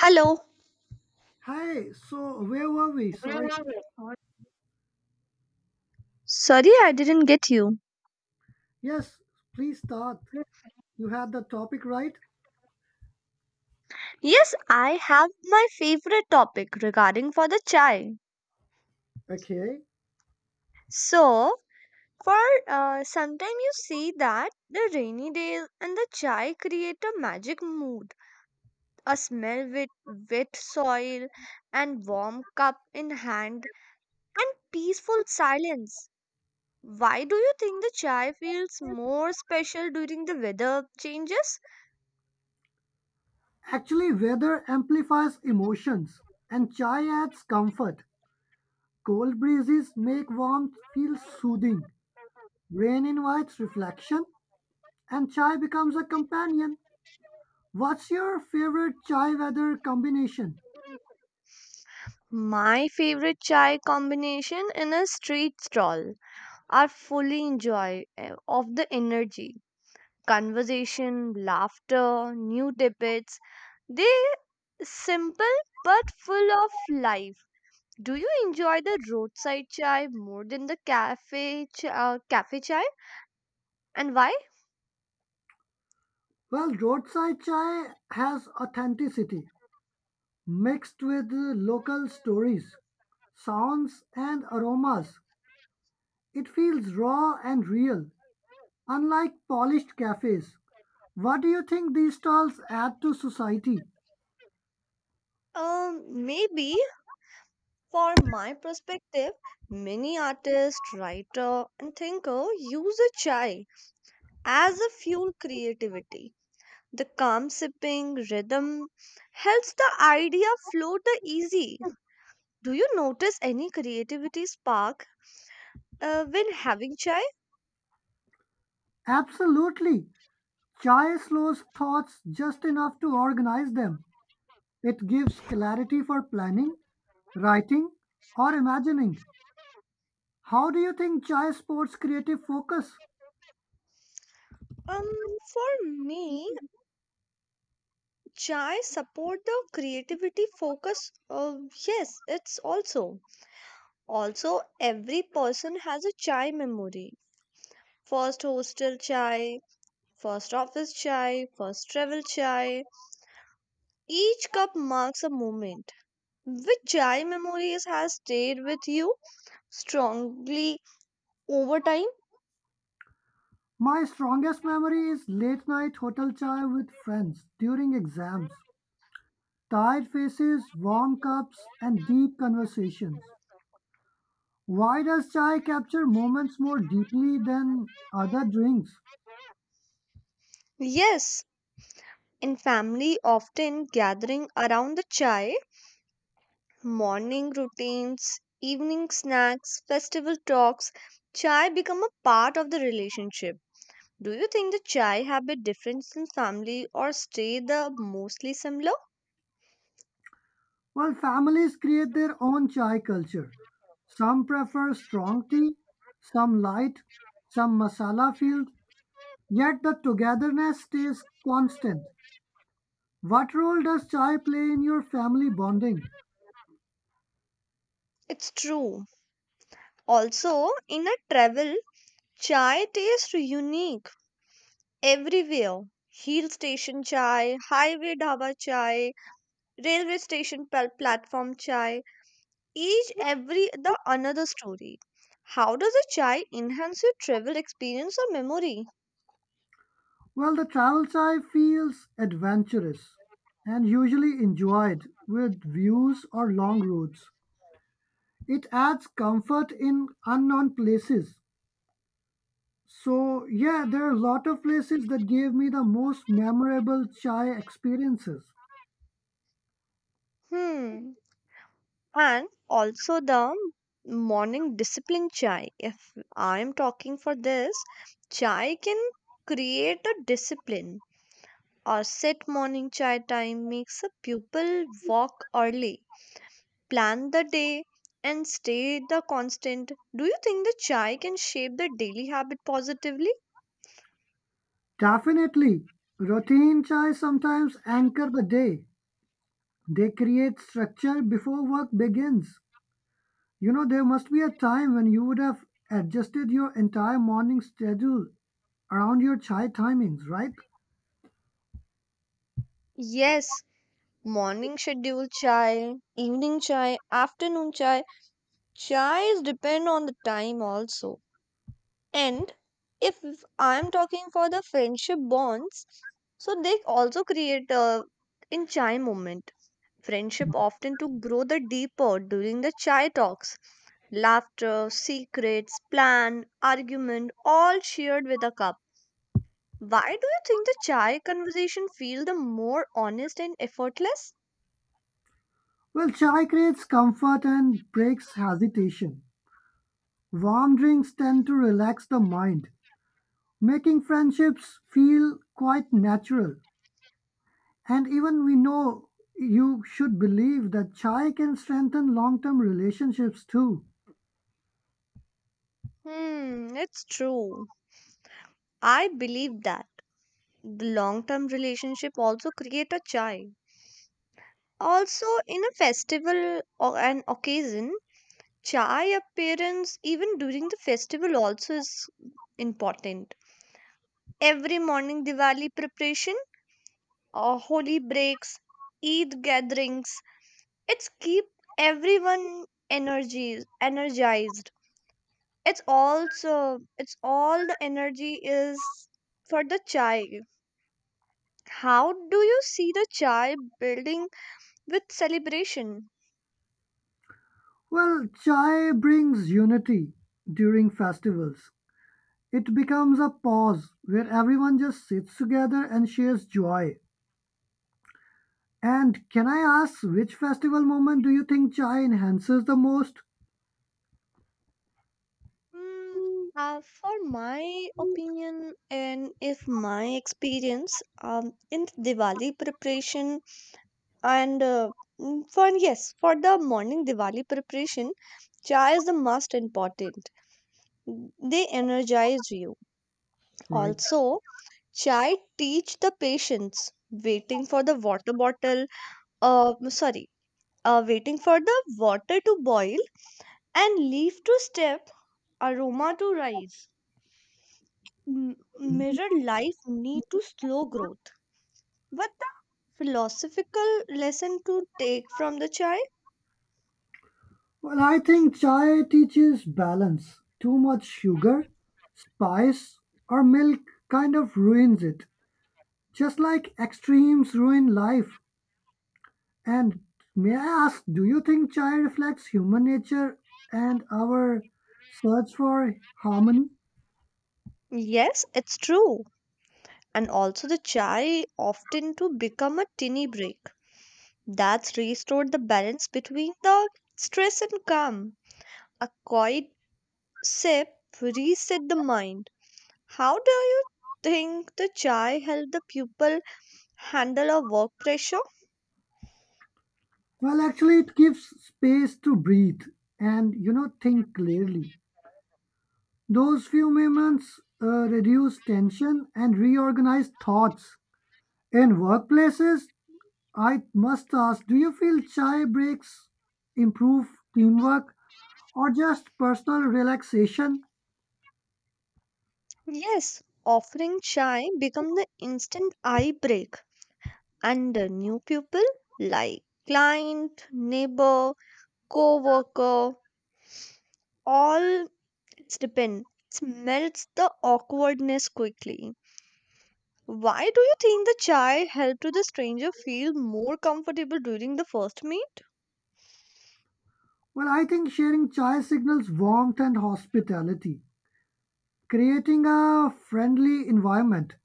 Hello. Hi, so where were we? Sorry. Sorry, I didn't get you. Yes, please start. You had the topic, right? Yes, I have my favorite topic regarding for the chai. Okay. So, for sometime you see that the rainy days and the chai create a magic mood. A smell with wet soil and warm cup in hand and peaceful silence. Why do you think the chai feels more special during the weather changes? Actually, weather amplifies emotions and chai adds comfort. Cold breezes make warmth feel soothing. Rain invites reflection and chai becomes a companion. What's your favorite chai weather combination? My favorite chai combination in a street stall are fully enjoy of the energy, conversation, laughter, new tidbits. They simple but full of life. Do you enjoy the roadside chai more than the cafe chai and why? Well, roadside chai has authenticity mixed with local stories, sounds, and aromas. It feels raw and real, unlike polished cafes. What do you think these stalls add to society? Maybe for my perspective, many artists, writer, and thinker use a chai as a fuel creativity. The calm sipping rhythm helps the idea flow the easy. Do you notice any creativity spark when having chai? Absolutely. Chai slows thoughts just enough to organize them. It gives clarity for planning, writing, or imagining. How do you think chai supports creative focus? Um, for me, chai support the creativity focus. Yes, it's also every person has a chai memory. First hostel chai, first office chai, first travel chai. Each cup marks a moment. Which chai memories has stayed with you strongly over time? My strongest memory is late night hotel chai with friends during exams. Tired faces, warm cups, and deep conversations. Why does chai capture moments more deeply than other drinks? Yes, in family, often gathering around the chai, morning routines, evening snacks, festival talks, chai become a part of the relationship. Do you think the chai habit difference in family or stay the mostly similar? Well, families create their own chai culture. Some prefer strong tea, some light, some masala filled, yet the togetherness stays constant. What role does chai play in your family bonding? It's true. Also, in a travel, chai tastes unique everywhere. Hill station chai, highway dhaba chai, railway station platform chai. Each every the another story. How does a chai enhance your travel experience or memory? Well, the travel chai feels adventurous and usually enjoyed with views or long routes. It adds comfort in unknown places. So, yeah, there are a lot of places that gave me the most memorable chai experiences. Hmm. And also the morning discipline chai, if I am talking for this, chai can create a discipline or set morning chai time, makes a pupil walk early, plan the day, and stay the constant. Do you think the chai can shape the daily habit positively? Definitely, routine chai sometimes anchor the day. They create structure before work begins. You know, there must be a time when you would have adjusted your entire morning schedule around your chai timings, right? Yes, morning schedule chai, evening chai, afternoon chai, chai is depend on the time also. And if I'm talking for the friendship bonds, so they also create a in chai moment. Friendship often to grow the deeper during the chai talks. Laughter, secrets, plan, argument, all shared with a cup. Why do you think the chai conversation feel the more honest and effortless? Well, chai creates comfort and breaks hesitation. Warm drinks tend to relax the mind, making friendships feel quite natural. And even we know you should believe that chai can strengthen long term relationships too. Hmm, it's true. I believe that the long-term relationship also create a chai. Also, in a festival or an occasion, chai appearance even during the festival also is important. Every morning Diwali preparation or holy breaks, Eid gatherings, it's keep everyone energies energized. It's also it's all the energy is for the chai. How do you see the chai building with celebration? Well, chai brings unity during festivals. It becomes a pause where everyone just sits together and shares joy. And can I ask which festival moment do you think chai enhances the most? Mm, for my opinion and if my experience, in Diwali preparation and for yes for the morning Diwali preparation, chai is the most important, they energize you. Right. Also chai teach the patience, waiting for the water bottle, sorry waiting for the water to boil and leaf to step, aroma to rise, m- mirror life need to slow growth. What the philosophical lesson to take from the chai? Well, I think chai teaches balance. Too much sugar, spice, or milk kind of ruins it. Just like extremes ruin life. And may I ask, do you think chai reflects human nature and our search for harmony? Yes, it's true. And also the chai often to become a tiny break. That's restored the balance between the stress and calm. A quiet sip reset the mind. How do you think the chai help the pupil handle a work pressure? Well, actually, it gives space to breathe and, you know, think clearly. Those few moments reduce tension and reorganize thoughts. In workplaces, I must ask, do you feel chai breaks improve teamwork or just personal relaxation? Yes, offering chai become the instant eye break and the new people like client, neighbor, co-worker, all it's depend. It melts the awkwardness quickly. Why do you think the chai helped to the stranger feel more comfortable during the first meet? Well, I think sharing chai signals warmth and hospitality. Creating a friendly environment,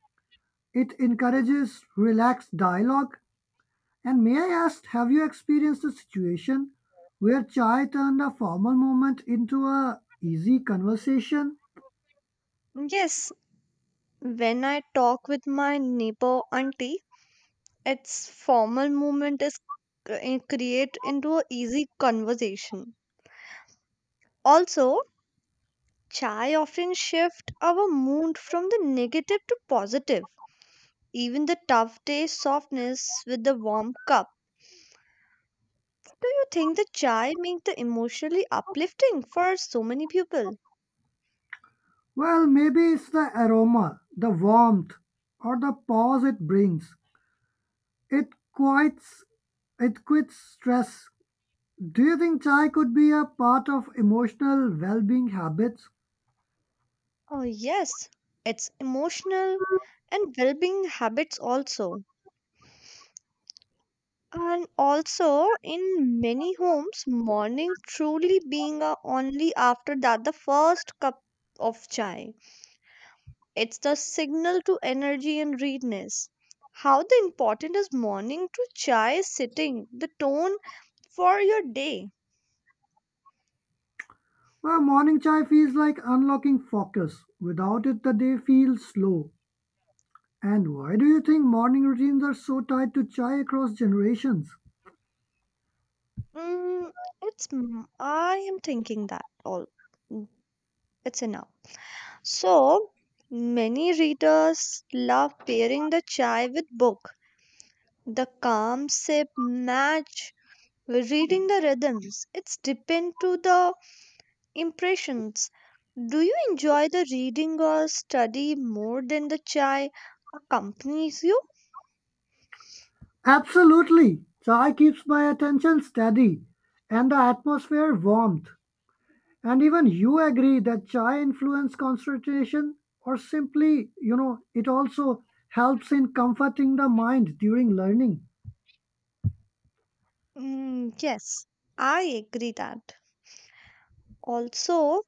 it encourages relaxed dialogue. And may I ask, have you experienced a situation where chai turned a formal moment into a easy conversation? Yes, when I talk with my neighbor auntie, its formal movement is create into a easy conversation. Also, chai often shift our mood from the negative to positive. Even the tough day's softness with the warm cup. Do you think the chai make the emotionally uplifting for so many people? Well, maybe it's the aroma, the warmth, or the pause it brings. It quiets, it quits stress. Do you think chai could be a part of emotional well-being habits? Oh yes, it's emotional and well-being habits also. And also in many homes, morning truly being a only after that the first cup of chai. It's the signal to energy and readiness. How the important is morning to chai sitting, the tone for your day. A morning chai feels like unlocking focus. Without it, the day feels slow. And why do you think morning routines are so tied to chai across generations? Mm, it's I am thinking that all, mm, it's enough. So many readers love pairing the chai with book. The calm sip match with reading the rhythms. It's depend to the impressions. Do you enjoy the reading or study more than the chai accompanies you? Absolutely. Chai keeps my attention steady and the atmosphere warmth. And even you agree that chai influence concentration or simply, you know, it also helps in comforting the mind during learning. Mm, yes, I agree that. Also,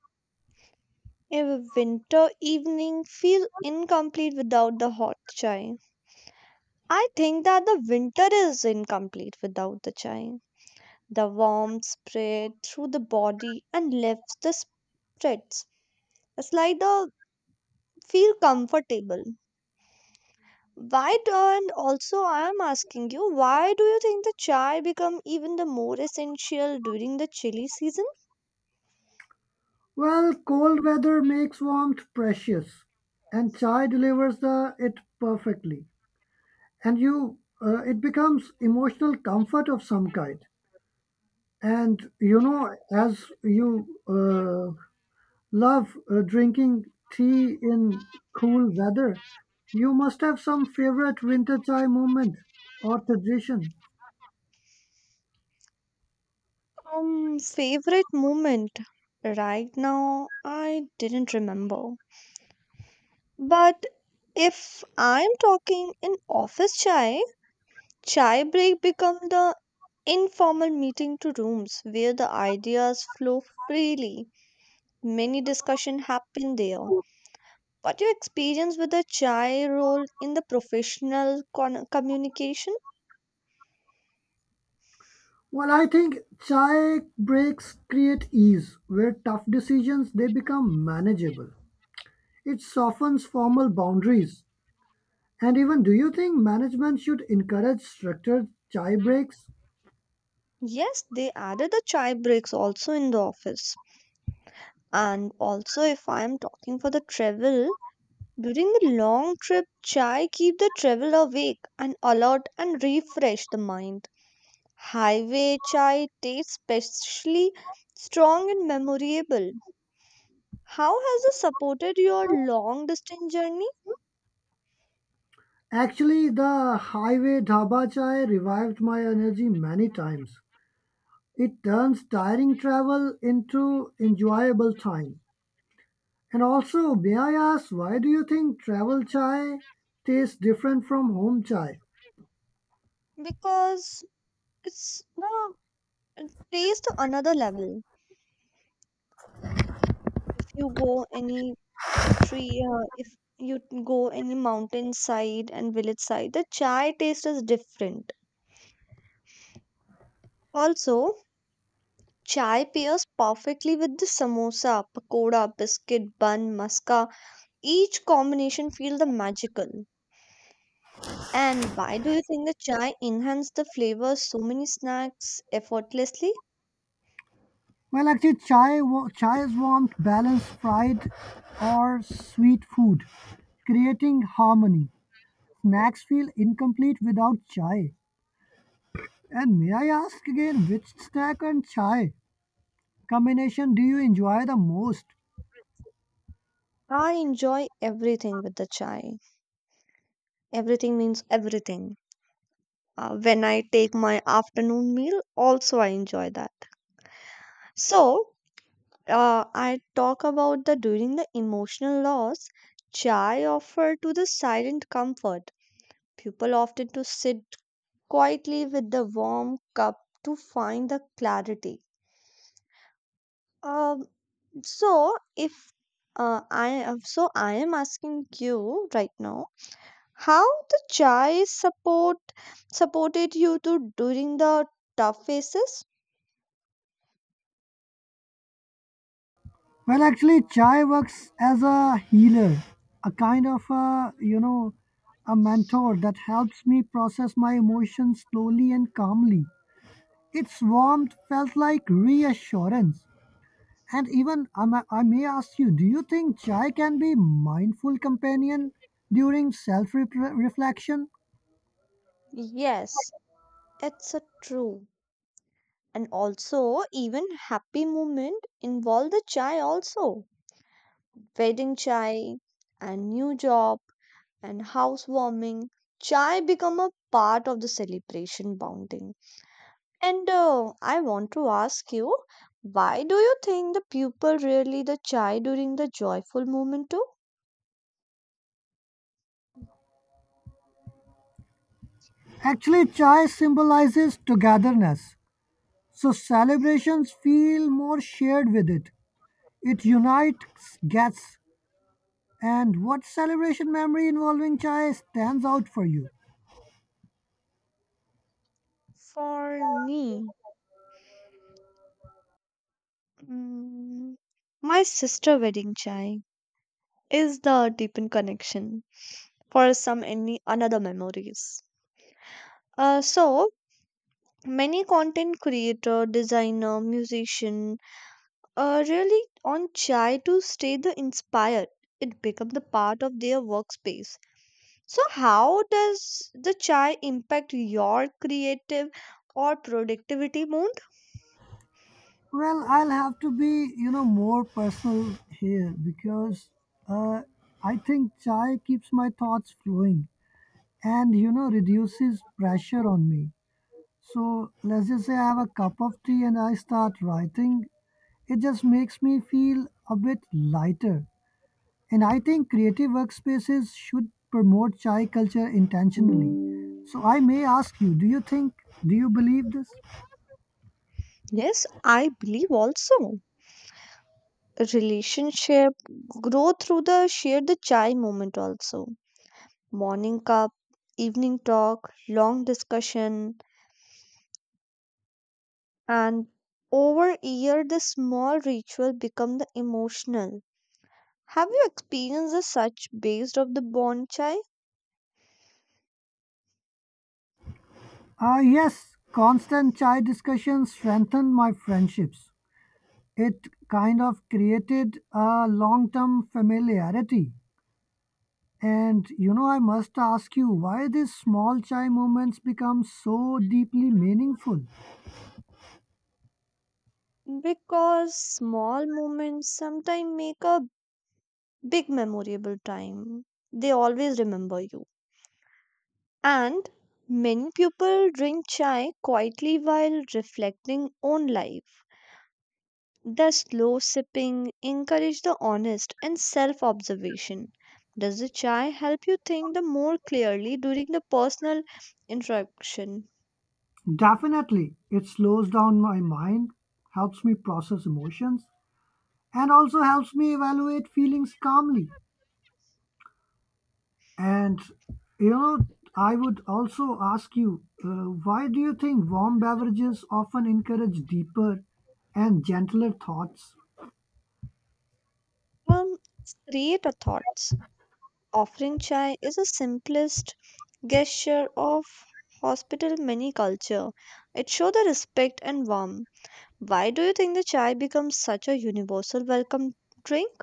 a winter evening feel incomplete without the hot chai. I think that the winter is incomplete without the chai. The warmth spread through the body and lifts the spirits. It's like the feel comfortable. Why do, and also I am asking you, why do you think the chai become even the more essential during the chilly season? Well, cold weather makes warmth precious, and chai delivers the it perfectly. And you, it becomes emotional comfort of some kind. And you know, as you love drinking tea in cool weather, you must have some favorite winter chai moment or tradition. Favorite moment. Right now, I didn't remember. But if I'm talking in office chai, chai break become the informal meeting to rooms where the ideas flow freely. Many discussion happen there. What your experience with the chai role in the professional communication? Well, I think chai breaks create ease, where tough decisions they become manageable. It softens formal boundaries, and even do you think management should encourage structured chai breaks? Yes, they added the chai breaks also in the office. And also if I'm talking for the travel, during the long trip, chai keep the travel awake and alert and refresh the mind. Highway chai tastes especially strong and memorable. How has it supported your long distance journey? Actually, the highway dhaba chai revived my energy many times. It turns tiring travel into enjoyable time. And also, may I ask, why do you think travel chai tastes different from home chai? Because it's the it taste to another level. If you go any street, if you go any mountain side and village side, the chai taste is different. Also, chai pairs perfectly with the samosa, pakoda, biscuit, bun, muska. Each combination feel the magical. And why do you think the chai enhanced the flavor so many snacks effortlessly? Well, actually, chai, chai warmth, balanced, fried, or sweet food, creating harmony. Snacks feel incomplete without chai. And may I ask again, which snack and chai combination do you enjoy the most? I enjoy everything with the chai. Everything means everything. When I take my afternoon meal, also I enjoy that. So, I talk about the during the emotional loss, chai offer to the silent comfort. People often to sit quietly with the warm cup to find the clarity. Um, So if I am so I am asking you right now, how the chai supported you to during the tough phases? Well, actually, chai works as a healer, a kind of a, you know, a mentor that helps me process my emotions slowly and calmly. Its warmth felt like reassurance. And even I may ask you, do you think chai can be mindful companion during self-reflection? Yes, it's a true. And also even happy moment involve the chai also. Wedding chai and new job and housewarming. Chai become a part of the celebration bonding. And I want to ask you, why do you think the people really the chai during the joyful moment too? Actually, chai symbolizes togetherness, so celebrations feel more shared with it. It unites guests. And what celebration memory involving chai stands out for you? For me, mm, my sister wedding chai is the deepened connection for some any another memories. So many content creator, designer, musician, really on chai to stay the inspired. It become the part of their workspace. So, how does the chai impact your creative or productivity mood? Well, I'll have to be, you know, more personal here because uh, I think chai keeps my thoughts flowing and, you know, reduces pressure on me. So let's just say I have a cup of tea and I start writing. It just makes me feel a bit lighter. And I think creative workspaces should promote chai culture intentionally. So I may ask you, do you believe this? Yes, I believe also. Relationship grow through the share the chai moment also. Morning cup, evening talk, long discussion, and over a year the small ritual become the emotional. Have you experienced a such based of the bond chai? Ah, yes, constant chai discussions strengthened my friendships. It kind of created a long term familiarity. And you know, I must ask you why these small chai moments become so deeply meaningful. Because small moments sometimes make a big memorable time. They always remember you. And many people drink chai quietly while reflecting on life. The slow sipping encourage the honest and self-observation. Does the chai help you think the more clearly during the personal interaction? Definitely, it slows down my mind, helps me process emotions, and also helps me evaluate feelings calmly. And you know, I would also ask you why do you think warm beverages often encourage deeper and gentler thoughts? Um, Create thoughts. Offering chai is the simplest gesture of hospital many culture. It shows the respect and warmth. Why do you think the chai becomes such a universal welcome drink?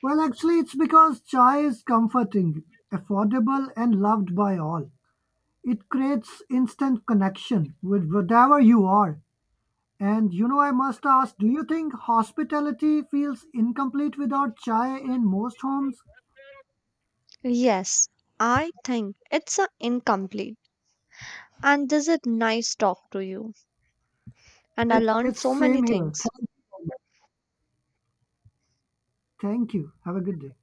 Well, actually, it's because chai is comforting, affordable, and loved by all. It creates instant connection with whatever you are. And you know, I must ask, do you think hospitality feels incomplete without chai in most homes? Yes, I think it's a incomplete. And this is nice talk to you. And I It's, learned so it's many same here. things. Thank you. Thank you. Have a good day.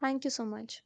Thank you so much.